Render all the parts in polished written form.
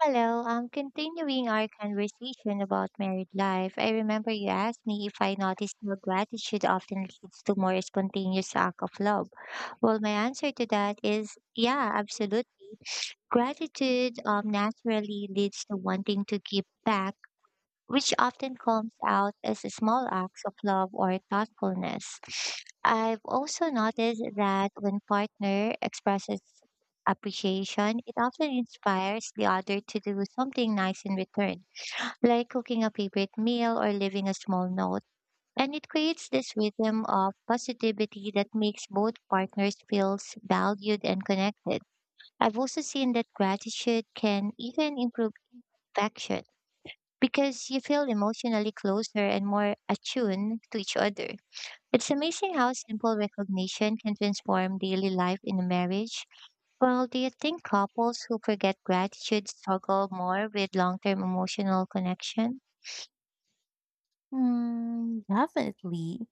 Hello, continuing our conversation about married life, I remember you asked me if I noticed how gratitude often leads to more spontaneous act of love. Well, my answer to that is yeah, absolutely. Gratitude naturally leads to wanting to give back which often comes out as small acts of love or thoughtfulness. I've also noticed that when partner expresses appreciation, it often inspires the other to do something nice in return, like cooking a favorite meal or leaving a small note. And it creates this rhythm of positivity that makes both partners feel valued and connected. I've also seen that gratitude can even improve affection because you feel emotionally closer and more attuned to each other. It's amazing how simple recognition can transform daily life in a marriage. Well, do you think couples who forget gratitude struggle more with long term emotional connection? Mm, definitely.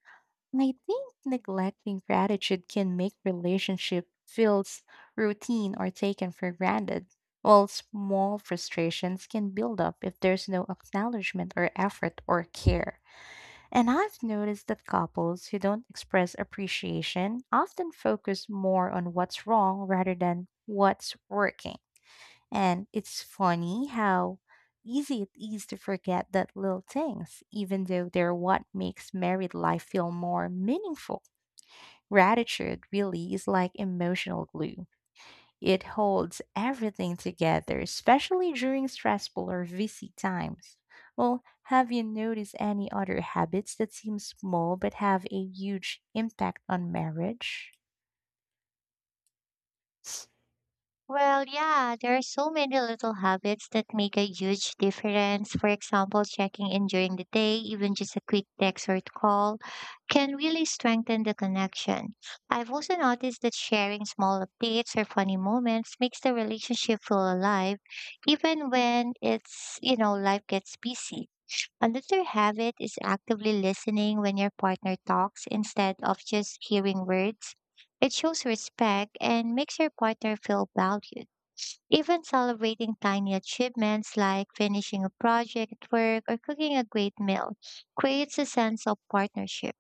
I think neglecting gratitude can make relationship feels routine or taken for granted, while small frustrations can build up if there's no acknowledgement or effort or care. And I've noticed that couples who don't express appreciation often focus more on what's wrong rather than what's working. And it's funny how easy it is to forget that little things, even though they're what makes married life feel more meaningful. Gratitude really is like emotional glue. It holds everything together, especially during stressful or busy times. Well, have you noticed any other habits that seem small but have a huge impact on marriage? Well, yeah, there are so many little habits that make a huge difference. For example, checking in during the day, even just a quick text or call, can really strengthen the connection. I've also noticed that sharing small updates or funny moments makes the relationship feel alive, even when it's life gets busy. Another habit is actively listening when your partner talks instead of just hearing words. It shows respect and makes your partner feel valued. Even celebrating tiny achievements like finishing a project at work or cooking a great meal creates a sense of partnership.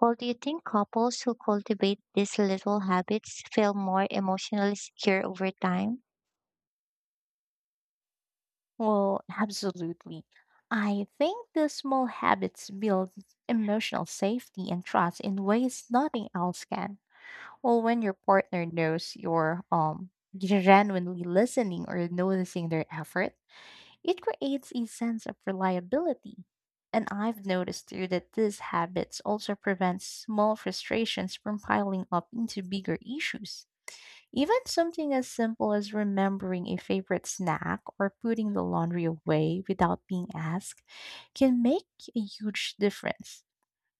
Well, do you think couples who cultivate these little habits feel more emotionally secure over time? Well, absolutely. I think the small habits build emotional safety and trust in ways nothing else can. Well, when your partner knows you're genuinely listening or noticing their effort, it creates a sense of reliability. And I've noticed too that these habits also prevent small frustrations from piling up into bigger issues. Even something as simple as remembering a favorite snack or putting the laundry away without being asked can make a huge difference.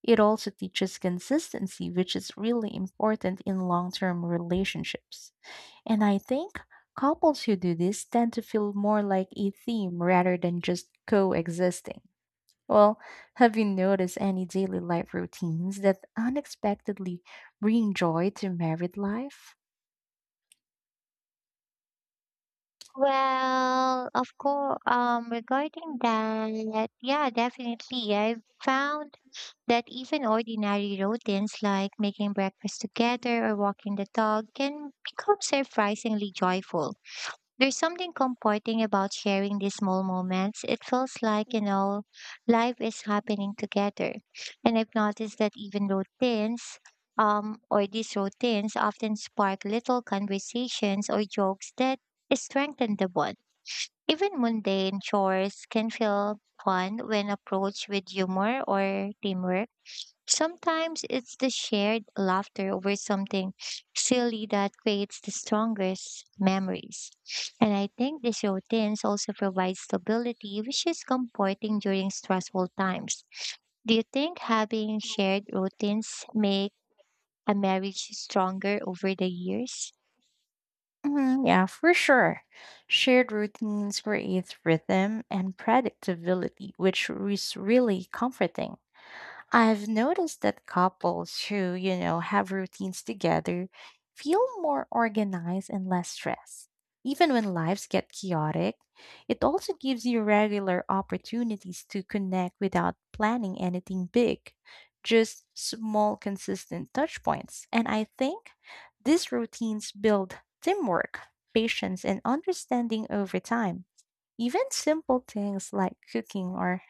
It also teaches consistency, which is really important in long term relationships. And I think couples who do this tend to feel more like a team rather than just coexisting. Well, have you noticed any daily life routines that unexpectedly bring joy to married life? Well, of course, regarding that, yeah, definitely. I have found that even ordinary routines like making breakfast together or walking the dog can become surprisingly joyful. There's something comforting about sharing these small moments. It feels like, you know, life is happening together. And I've noticed that even routines, or these routines often spark little conversations or jokes that strengthen the bond. Even mundane chores can feel fun when approached with humor or teamwork. Sometimes it's the shared laughter over something silly that creates the strongest memories. And I think these routines also provide stability, which is comforting during stressful times. Do you think having shared routines make a marriage stronger over the years? Mhm, yeah, for sure. Shared routines create rhythm and predictability, which is really comforting. I've noticed that couples who, you know, have routines together feel more organized and less stressed. Even when lives get chaotic, it also gives you regular opportunities to connect without planning anything big, just small, consistent touch points. And I think these routines build teamwork, patience, and understanding over time. Even simple things like cooking or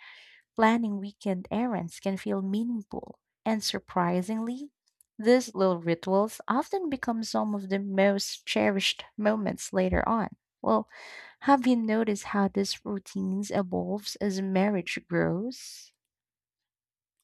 planning weekend errands can feel meaningful, and surprisingly, these little rituals often become some of the most cherished moments later on. Well, have you noticed how these routines evolves as marriage grows?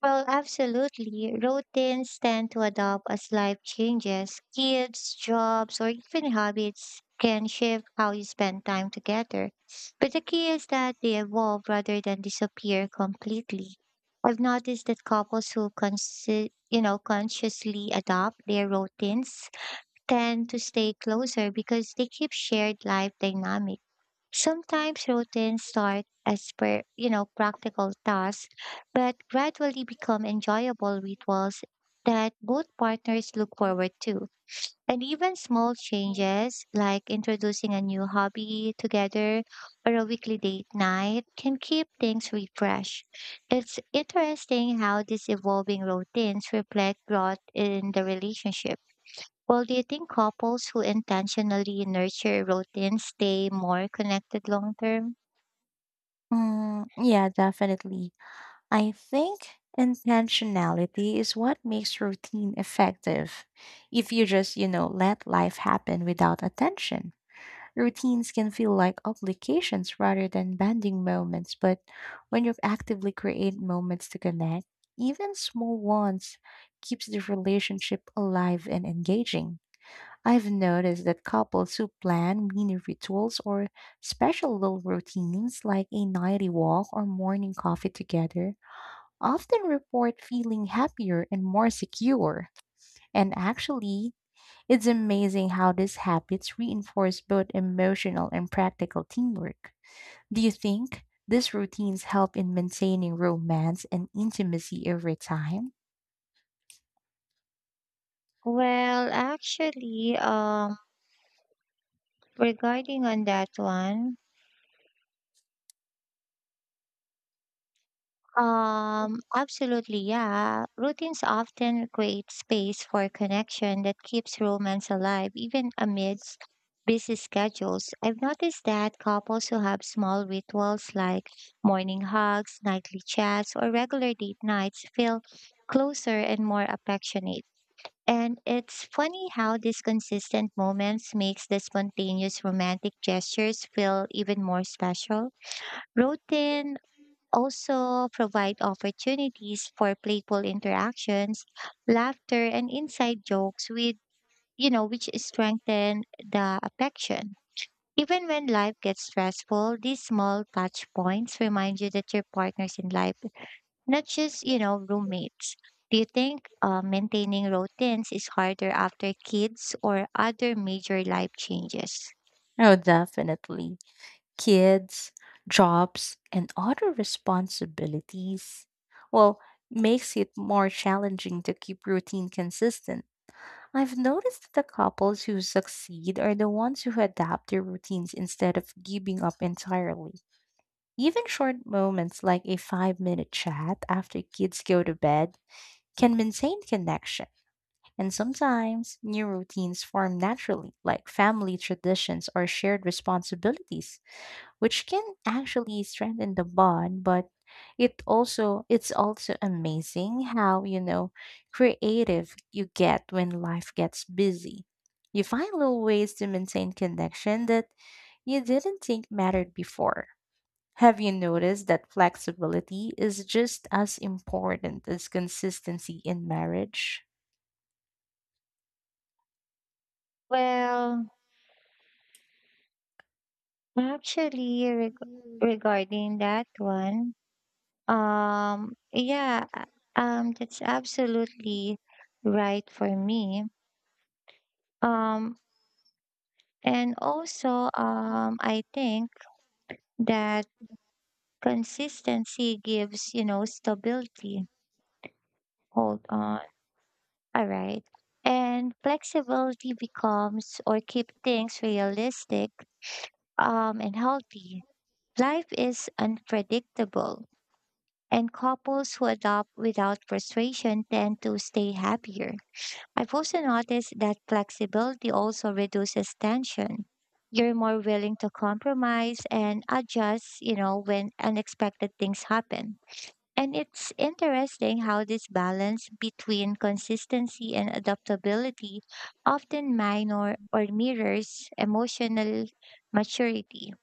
Well, absolutely. Routines tend to adapt as life changes. Kids, jobs, or even habits can shift how you spend time together. But the key is that they evolve rather than disappear completely. I've noticed that couples who you know, consciously adopt their routines tend to stay closer because they keep shared life dynamics. Sometimes routines start as you know, practical tasks, but gradually become enjoyable rituals that both partners look forward to. And even small changes like introducing a new hobby together or a weekly date night can keep things refreshed. It's interesting how these evolving routines reflect growth in the relationship. Well, do you think couples who intentionally nurture routines stay more connected long term? Mm, yeah, definitely. I think intentionality is what makes routine effective. If you just, you know, let life happen without attention. Routines can feel like obligations rather than bonding moments, but when you actively create moments to connect, even small ones keeps the relationship alive and engaging. I've noticed that couples who plan mini rituals or special little routines like a nightly walk or morning coffee together often report feeling happier and more secure. And actually, it's amazing how these habits reinforce both emotional and practical teamwork. Do you think these routines help in maintaining romance and intimacy over time? Well, actually, regarding on that one, absolutely, yeah. Routines often create space for connection that keeps romance alive, even amidst busy schedules. I've noticed that couples who have small rituals like morning hugs, nightly chats, or regular date nights feel closer and more affectionate. And it's funny how these consistent moments makes the spontaneous romantic gestures feel even more special. Routine also provide opportunities for playful interactions, laughter and inside jokes with which strengthen the affection. Even when life gets stressful, these small touch points remind you that your partners in life not just roommates. Do you think maintaining routines is harder after kids or other major life changes? Oh, definitely. Kids, jobs, and other responsibilities. Well, makes it more challenging to keep routine consistent. I've noticed that the couples who succeed are the ones who adapt their routines instead of giving up entirely. Even short moments like a 5 minute chat after kids go to bed can maintain connection. And sometimes new routines form naturally, like family traditions or shared responsibilities, which can actually strengthen the bond, but it's also amazing how, you know, creative you get when life gets busy. You find little ways to maintain connection that you didn't think mattered before. Have you noticed that flexibility is just as important as consistency in marriage? Well, actually, Mm. regarding that one, yeah, that's absolutely right for me. um and also, I think that consistency gives, you know, stability. Hold on. All right. And flexibility becomes or keep things realistic and healthy. Life is unpredictable, and couples who adopt without frustration tend to stay happier. I've also noticed that flexibility also reduces tension. You're more willing to compromise and adjust, you know, when unexpected things happen. And it's interesting how this balance between consistency and adaptability often minor or mirrors emotional maturity.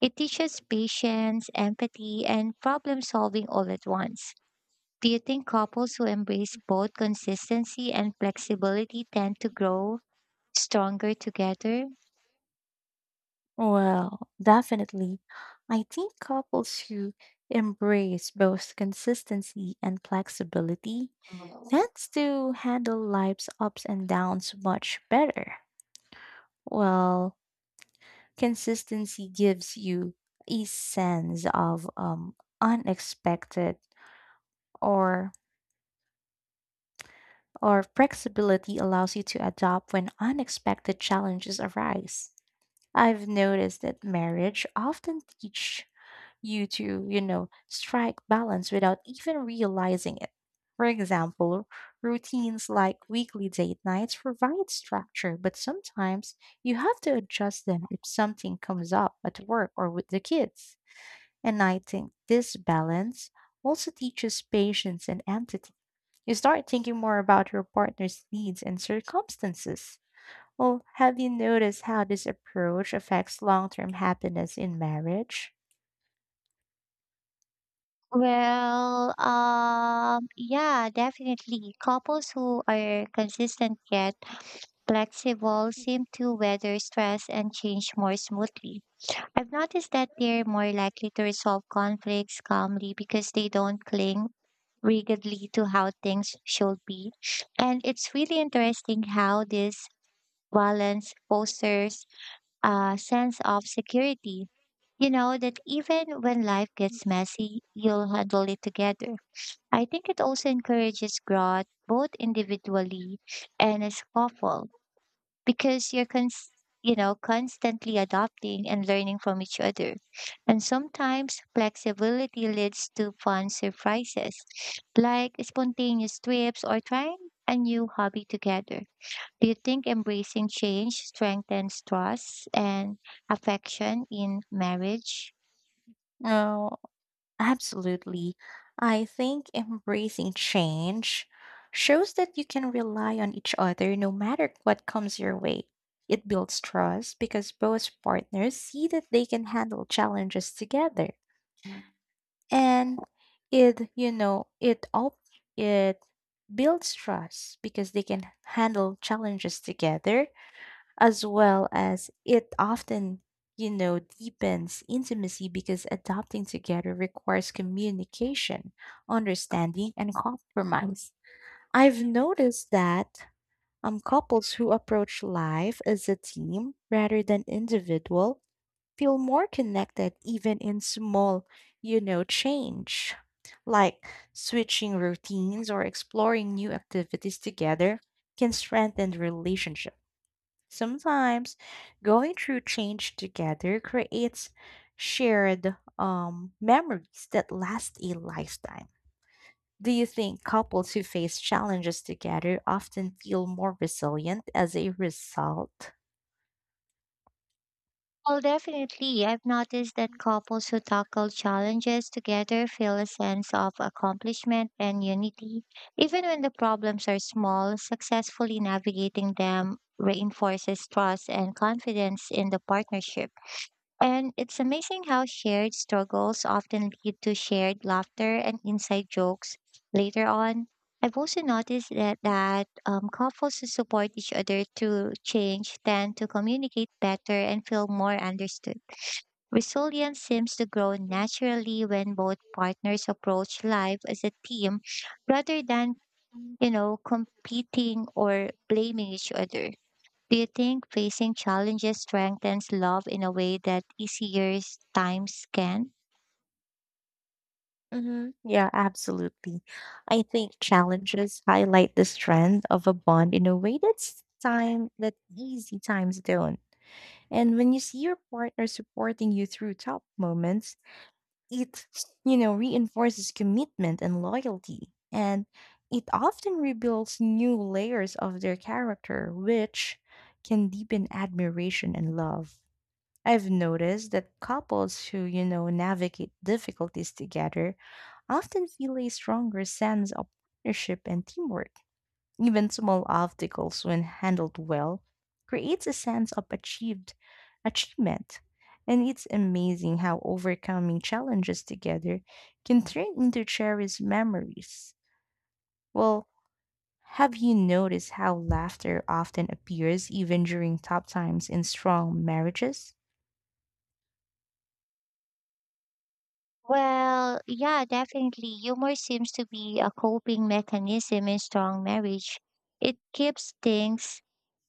It teaches patience, empathy, and problem solving all at once. Do you think couples who embrace both consistency and flexibility tend to grow stronger together? Well, definitely. I think couples who embrace both consistency and flexibility tend to handle life's ups and downs much better. Well, consistency gives you a sense of unexpected or or flexibility allows you to adapt when unexpected challenges arise. I've noticed that marriage often teach you to, you know, strike balance without even realizing it. For example, routines like weekly date nights provide structure, but sometimes you have to adjust them if something comes up at work or with the kids. And I think this balance also teaches patience and empathy you start thinking more about your partner's needs and circumstances. Well, have you noticed how this approach affects long term happiness in marriage? Well, yeah, definitely. Couples who are consistent yet flexible seem to weather stress and change more smoothly. I've noticed that they're more likely to resolve conflicts calmly because they don't cling rigidly to how things should be. And it's really interesting how this balance fosters a sense of security. You know that even when life gets messy, you'll handle it together. I think it also encourages growth both individually and as couple because you're you know, constantly adapting and learning from each other. And sometimes flexibility leads to fun surprises like spontaneous trips or trying a new hobby together. Do you think embracing change strengthens trust and affection in marriage? Oh, absolutely. I think embracing change shows that you can rely on each other no matter what comes your way. It builds trust because both partners see that they can handle challenges together. And it, you know, it builds trust because they can handle challenges together as well as it often, you know, deepens intimacy because adopting together requires communication understanding and compromise. I've noticed that couples who approach life as a team rather than individual feel more connected even in small, you know, change like switching routines or exploring new activities together can strengthen the relationship. Sometimes going through change together creates shared memories that last a lifetime. Do you think couples who face challenges together often feel more resilient as a result? Well, definitely. I've noticed that couples who tackle challenges together feel a sense of accomplishment and unity, even when the problems are small. Successfully navigating them reinforces trust and confidence in the partnership. And it's amazing how shared struggles often lead to shared laughter and inside jokes later on. I've also noticed that, couples who support each other through change tend to communicate better and feel more understood. Resilience seems to grow naturally when both partners approach life as a team rather than, you know, competing or blaming each other. Do you think facing challenges strengthens love in a way that easier times can? Yeah, absolutely. I think challenges highlight the strength of a bond in a way that's time that easy times don't. And when you see your partner supporting you through tough moments, it, you know, reinforces commitment and loyalty. And it often rebuilds new layers of their character, which can deepen admiration and love. I've noticed that couples who, you know, navigate difficulties together I often feel a stronger sense of partnership and teamwork. Even small obstacles, when handled well, creates a sense of achieved achievement. And it's amazing how overcoming challenges together can turn into cherished memories. Well, have you noticed how laughter often appears even during tough times in strong marriages? Well, yeah, definitely. Humor seems to be a coping mechanism in strong marriage. It keeps things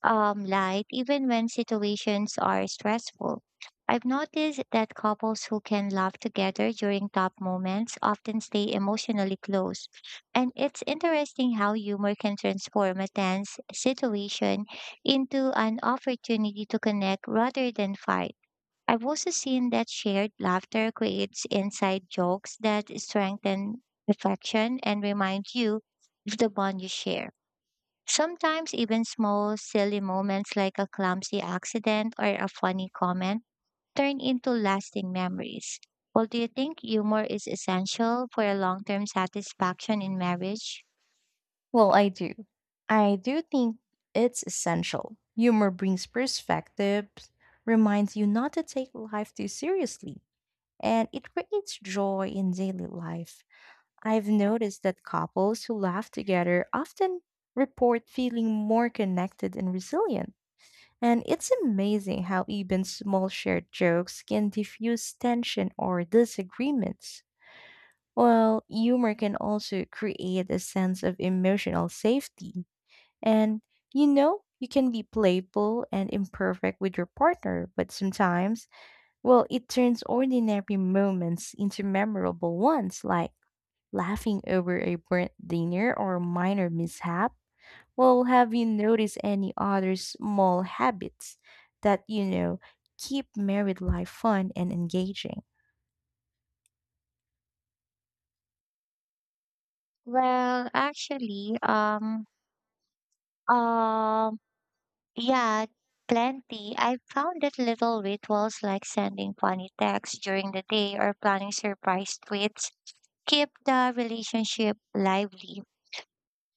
light even when situations are stressful. I've noticed that couples who can laugh together during tough moments often stay emotionally close. And it's interesting how humor can transform a tense situation into an opportunity to connect rather than fight. I've also seen that shared laughter creates inside jokes that strengthen affection and remind you of the bond you share. Sometimes even small silly moments like a clumsy accident or a funny comment turn into lasting memories. Well, do you think humor is essential for a long-term satisfaction in marriage? Well, I do. I do think it's essential. Humor brings perspective, reminds you not to take life too seriously, and it creates joy in daily life. I've noticed that couples who laugh together often report feeling more connected and resilient. And it's amazing how even small shared jokes can diffuse tension or disagreements. Well, humor can also create a sense of emotional safety and, you know, you can be playful and imperfect with your partner, but sometimes, well, it turns ordinary moments into memorable ones, like laughing over a burnt dinner or a minor mishap. Well, have you noticed any other small habits that, you know, keep married life fun and engaging? Well, actually, um, yeah, plenty. I found that little rituals like sending funny texts during the day or planning surprise tweets keep the relationship lively.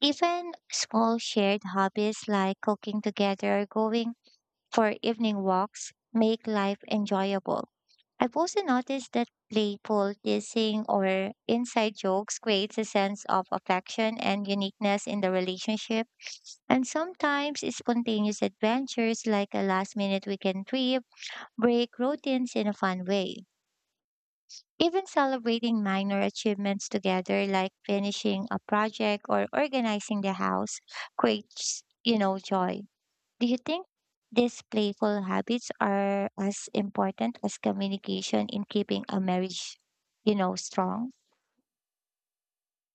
Even small shared hobbies like cooking together or going for evening walks make life enjoyable. I've also noticed that playful teasing or inside jokes creates a sense of affection and uniqueness in the relationship. And sometimes spontaneous adventures like a last minute weekend trip break routines in a fun way. Even celebrating minor achievements together, like finishing a project or organizing the house, creates, you know, joy. Do you think these playful habits are as important as communication in keeping a marriage, you know, strong?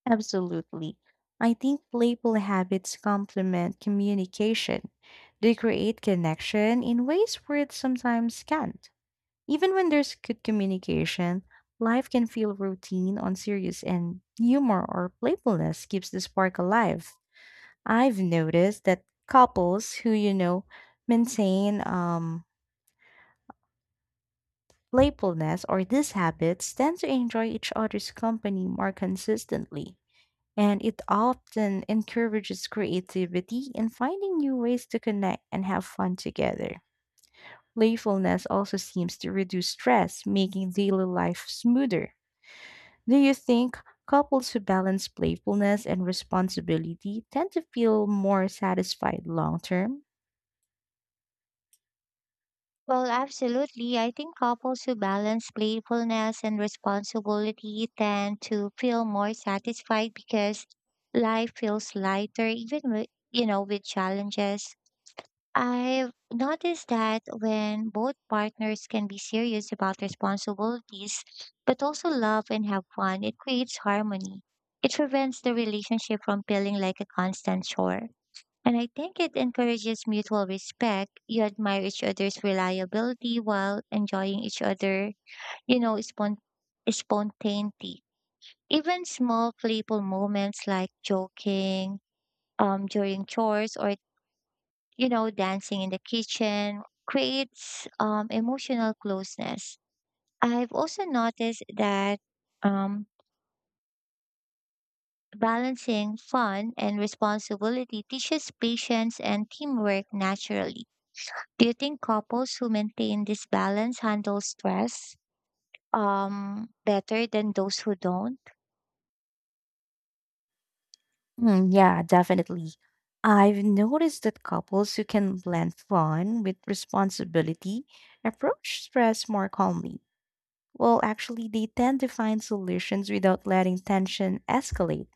Absolutely. I think playful habits complement communication. They create connection in ways words sometimes can't. Even when there's good communication, life can feel routine on serious and humor or playfulness keeps the spark alive. I've noticed that couples who, you know, maintain playfulness or these habits tend to enjoy each other's company more consistently. And it often encourages creativity and finding new ways to connect and have fun together. Playfulness also seems to reduce stress, making daily life smoother. Do you think couples who balance playfulness and responsibility tend to feel more satisfied long term? Well, absolutely. I think couples who balance playfulness and responsibility tend to feel more satisfied because life feels lighter, even with challenges. I've noticed that when both partners can be serious about responsibilities, but also love and have fun, it creates harmony. It prevents the relationship from feeling like a constant chore. And I think it encourages mutual respect. You admire each other's reliability while enjoying each other, you know, spontaneity. Even small playful moments like joking during chores or, you know, dancing in the kitchen creates emotional closeness. I've also noticed that um, balancing fun and responsibility teaches patience and teamwork naturally. Do you think couples who maintain this balance handle stress better than those who don't? Hmm, yeah, definitely. I've noticed that couples who can blend fun with responsibility approach stress more calmly. Well, actually, they tend to find solutions without letting tension escalate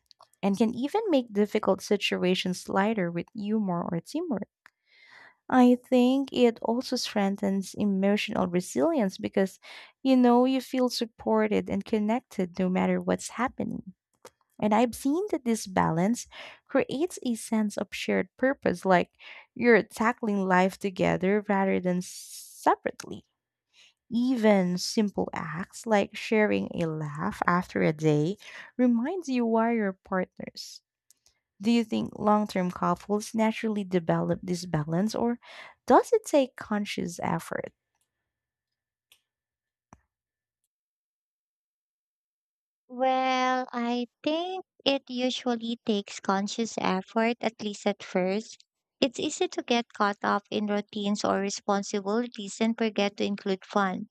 and can even make difficult situations lighter with humor or teamwork. I think it also strengthens emotional resilience because, you know, you feel supported and connected no matter what's happening. And I've seen that this balance creates a sense of shared purpose, like you're tackling life together rather than separately. Even simple acts like sharing a laugh after a day reminds you why you're partners. Do you think long term couples naturally develop this balance or does it take conscious effort? Well, I think it usually takes conscious effort at least at first. It's easy to get caught up in routines or responsibilities and forget to include fun.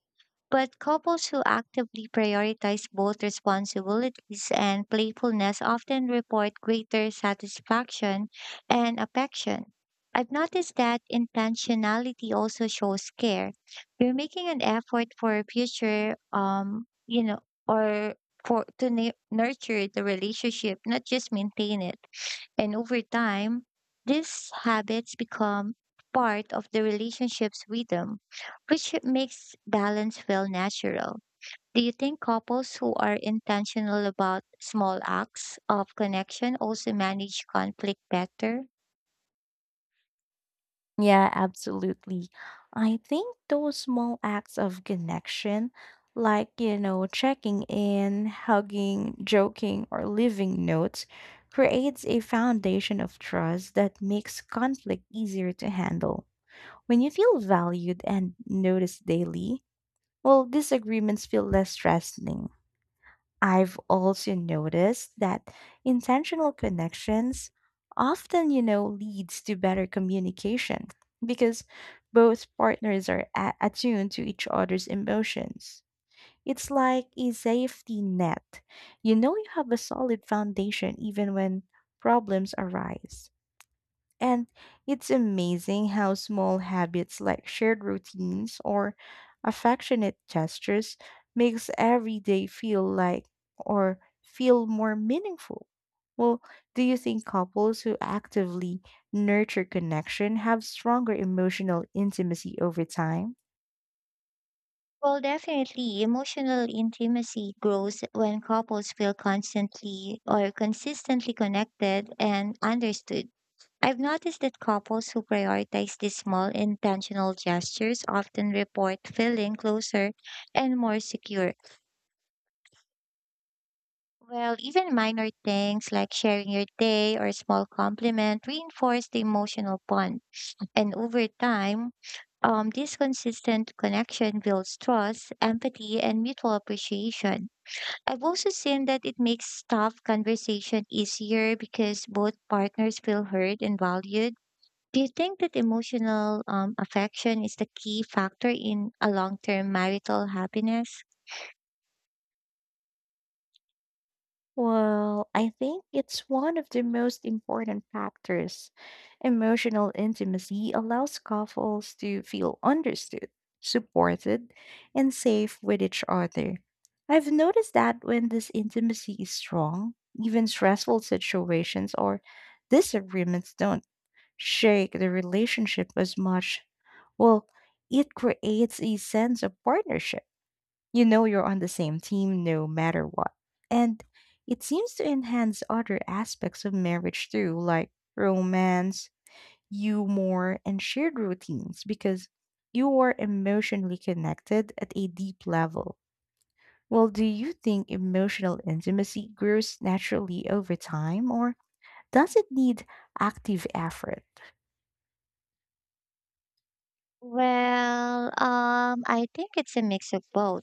But couples who actively prioritize both responsibilities and playfulness often report greater satisfaction and affection. I've noticed that intentionality also shows care. You're making an effort for a future, you know, or for to nurture the relationship, not just maintain it. And over time, these habits become part of the relationships rhythm, which makes balance feel natural. Do you think couples who are intentional about small acts of connection also manage conflict better? Yeah, absolutely. I think those small acts of connection, like, you know, checking in, hugging, joking, or leaving notes, creates a foundation of trust that makes conflict easier to handle. When you feel valued and noticed daily, well, disagreements feel less stressing. I've also noticed that intentional connections often, you know, leads to better communication because both partners are attuned to each other's emotions. It's like a safety net. You know you have a solid foundation even when problems arise. And it's amazing how small habits like shared routines or affectionate gestures makes every day feel like or feel more meaningful. Well, do you think couples who actively nurture connection have stronger emotional intimacy over time? Well, definitely, emotional intimacy grows when couples feel constantly or consistently connected and understood. I've noticed that couples who prioritize these small intentional gestures often report feeling closer and more secure. Well, even minor things like sharing your day or a small compliment reinforce the emotional bond. And over time, this consistent connection builds trust, empathy, and mutual appreciation. I've also seen that it makes tough conversation easier because both partners feel heard and valued. Do you think that emotional affection is the key factor in a long term marital happiness? Well, I think it's one of the most important factors. Emotional intimacy allows couples to feel understood, supported, and safe with each other. I've noticed that when this intimacy is strong, even stressful situations or disagreements don't shake the relationship as much. Well, it creates a sense of partnership, you know, you're on the same team no matter what. And it seems to enhance other aspects of marriage too, like romance, humor, and shared routines, because you are emotionally connected at a deep level. Well, do you think emotional intimacy grows naturally over time, or does it need active effort? Well, I think it's a mix of both.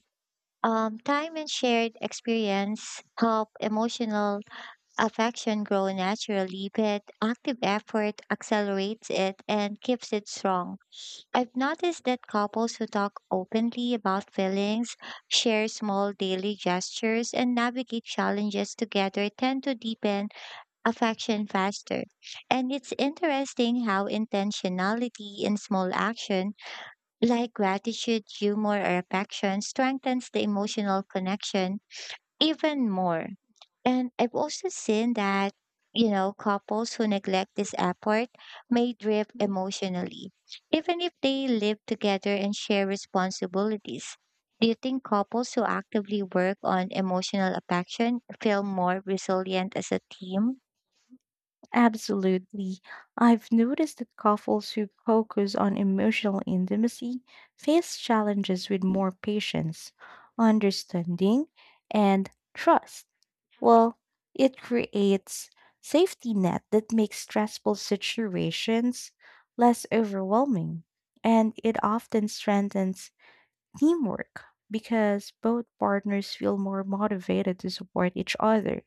Time and shared experience help emotional affection grow naturally, but active effort accelerates it and keeps it strong. I've noticed that couples who talk openly about feelings, share small daily gestures, and navigate challenges together tend to deepen affection faster. And it's interesting how intentionality in small action, like gratitude, humor, or affection, strengthens the emotional connection even more. And I've also seen that, you know, couples who neglect this effort may drift emotionally, even if they live together and share responsibilities. Do you think couples who actively work on emotional affection feel more resilient as a team? Absolutely. I've noticed that couples who focus on emotional intimacy face challenges with more patience, understanding, and trust. Well, it creates safety net that makes stressful situations less overwhelming, and it often strengthens teamwork because both partners feel more motivated to support each other.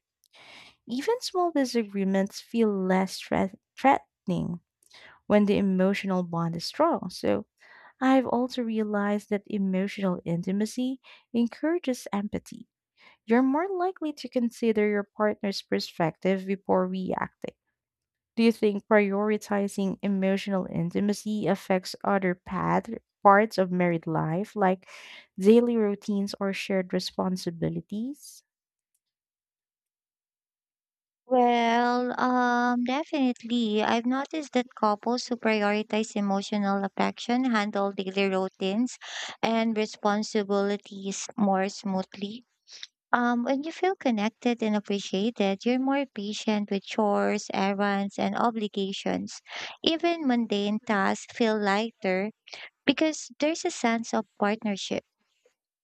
Even small disagreements feel threatening when the emotional bond is strong. So, I've also realized that emotional intimacy encourages empathy. You're more likely to consider your partner's perspective before reacting. Do you think prioritizing emotional intimacy affects parts of married life, like daily routines or shared responsibilities? Well, definitely. I've noticed that couples who prioritize emotional affection handle daily routines and responsibilities more smoothly. When you feel connected and appreciated, you're more patient with chores, errands, and obligations. Even mundane tasks feel lighter because there's a sense of partnership.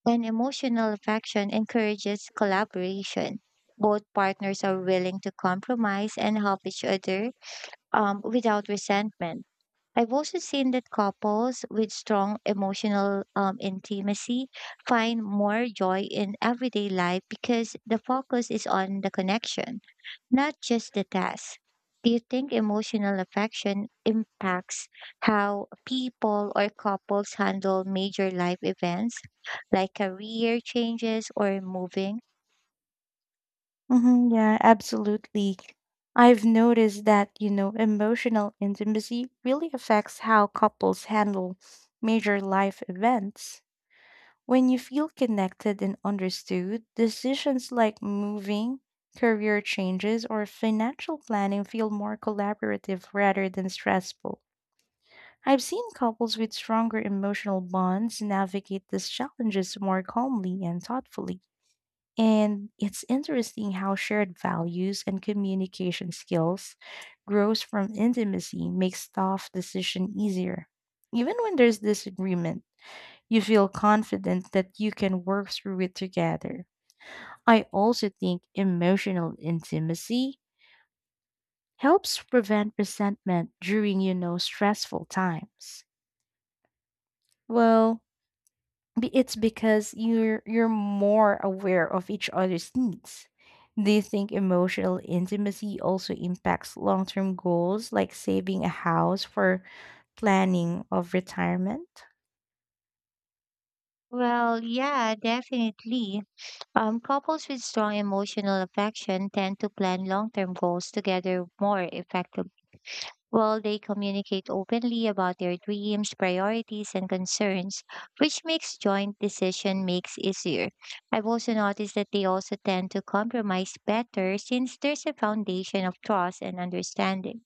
And emotional affection encourages collaboration. Both partners are willing to compromise and help each other without resentment. I've also seen that couples with strong emotional intimacy find more joy in everyday life because the focus is on the connection, not just the task. Do you think emotional affection impacts how people or couples handle major life events like career changes or moving? Yeah, absolutely. I've noticed that, you know, emotional intimacy really affects how couples handle major life events. When you feel connected and understood, decisions like moving, career changes, or financial planning feel more collaborative rather than stressful. I've seen couples with stronger emotional bonds navigate these challenges more calmly and thoughtfully. And it's interesting how shared values and communication skills grows from intimacy makes tough decision easier. Even when there's disagreement, you feel confident that you can work through it together. I also think emotional intimacy helps prevent resentment during, you know, stressful times. Well, it's because you're more aware of each other's needs. Do you think emotional intimacy also impacts long-term goals like saving a house for planning of retirement? Well, yeah, definitely. Couples with strong emotional affection tend to plan long term goals together more effectively. While they communicate openly about their dreams, priorities, and concerns, which makes joint decision makes easier. I've also noticed that they also tend to compromise better since there's a foundation of trust and understanding.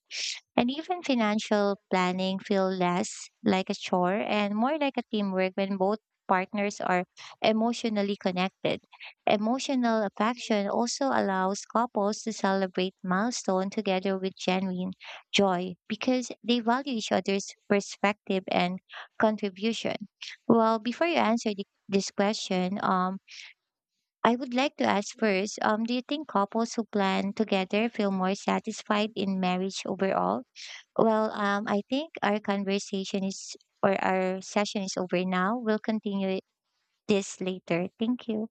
And even financial planning feel less like a chore and more like a teamwork when both partners are emotionally connected. Emotional affection also allows couples to celebrate milestone together with genuine joy because they value each other's perspective and contribution. Well, before you answer this question, I would like to ask first, do you think couples who plan together feel more satisfied in marriage overall? Well, I think our conversation is or our session is over now. We'll continue this later. Thank you.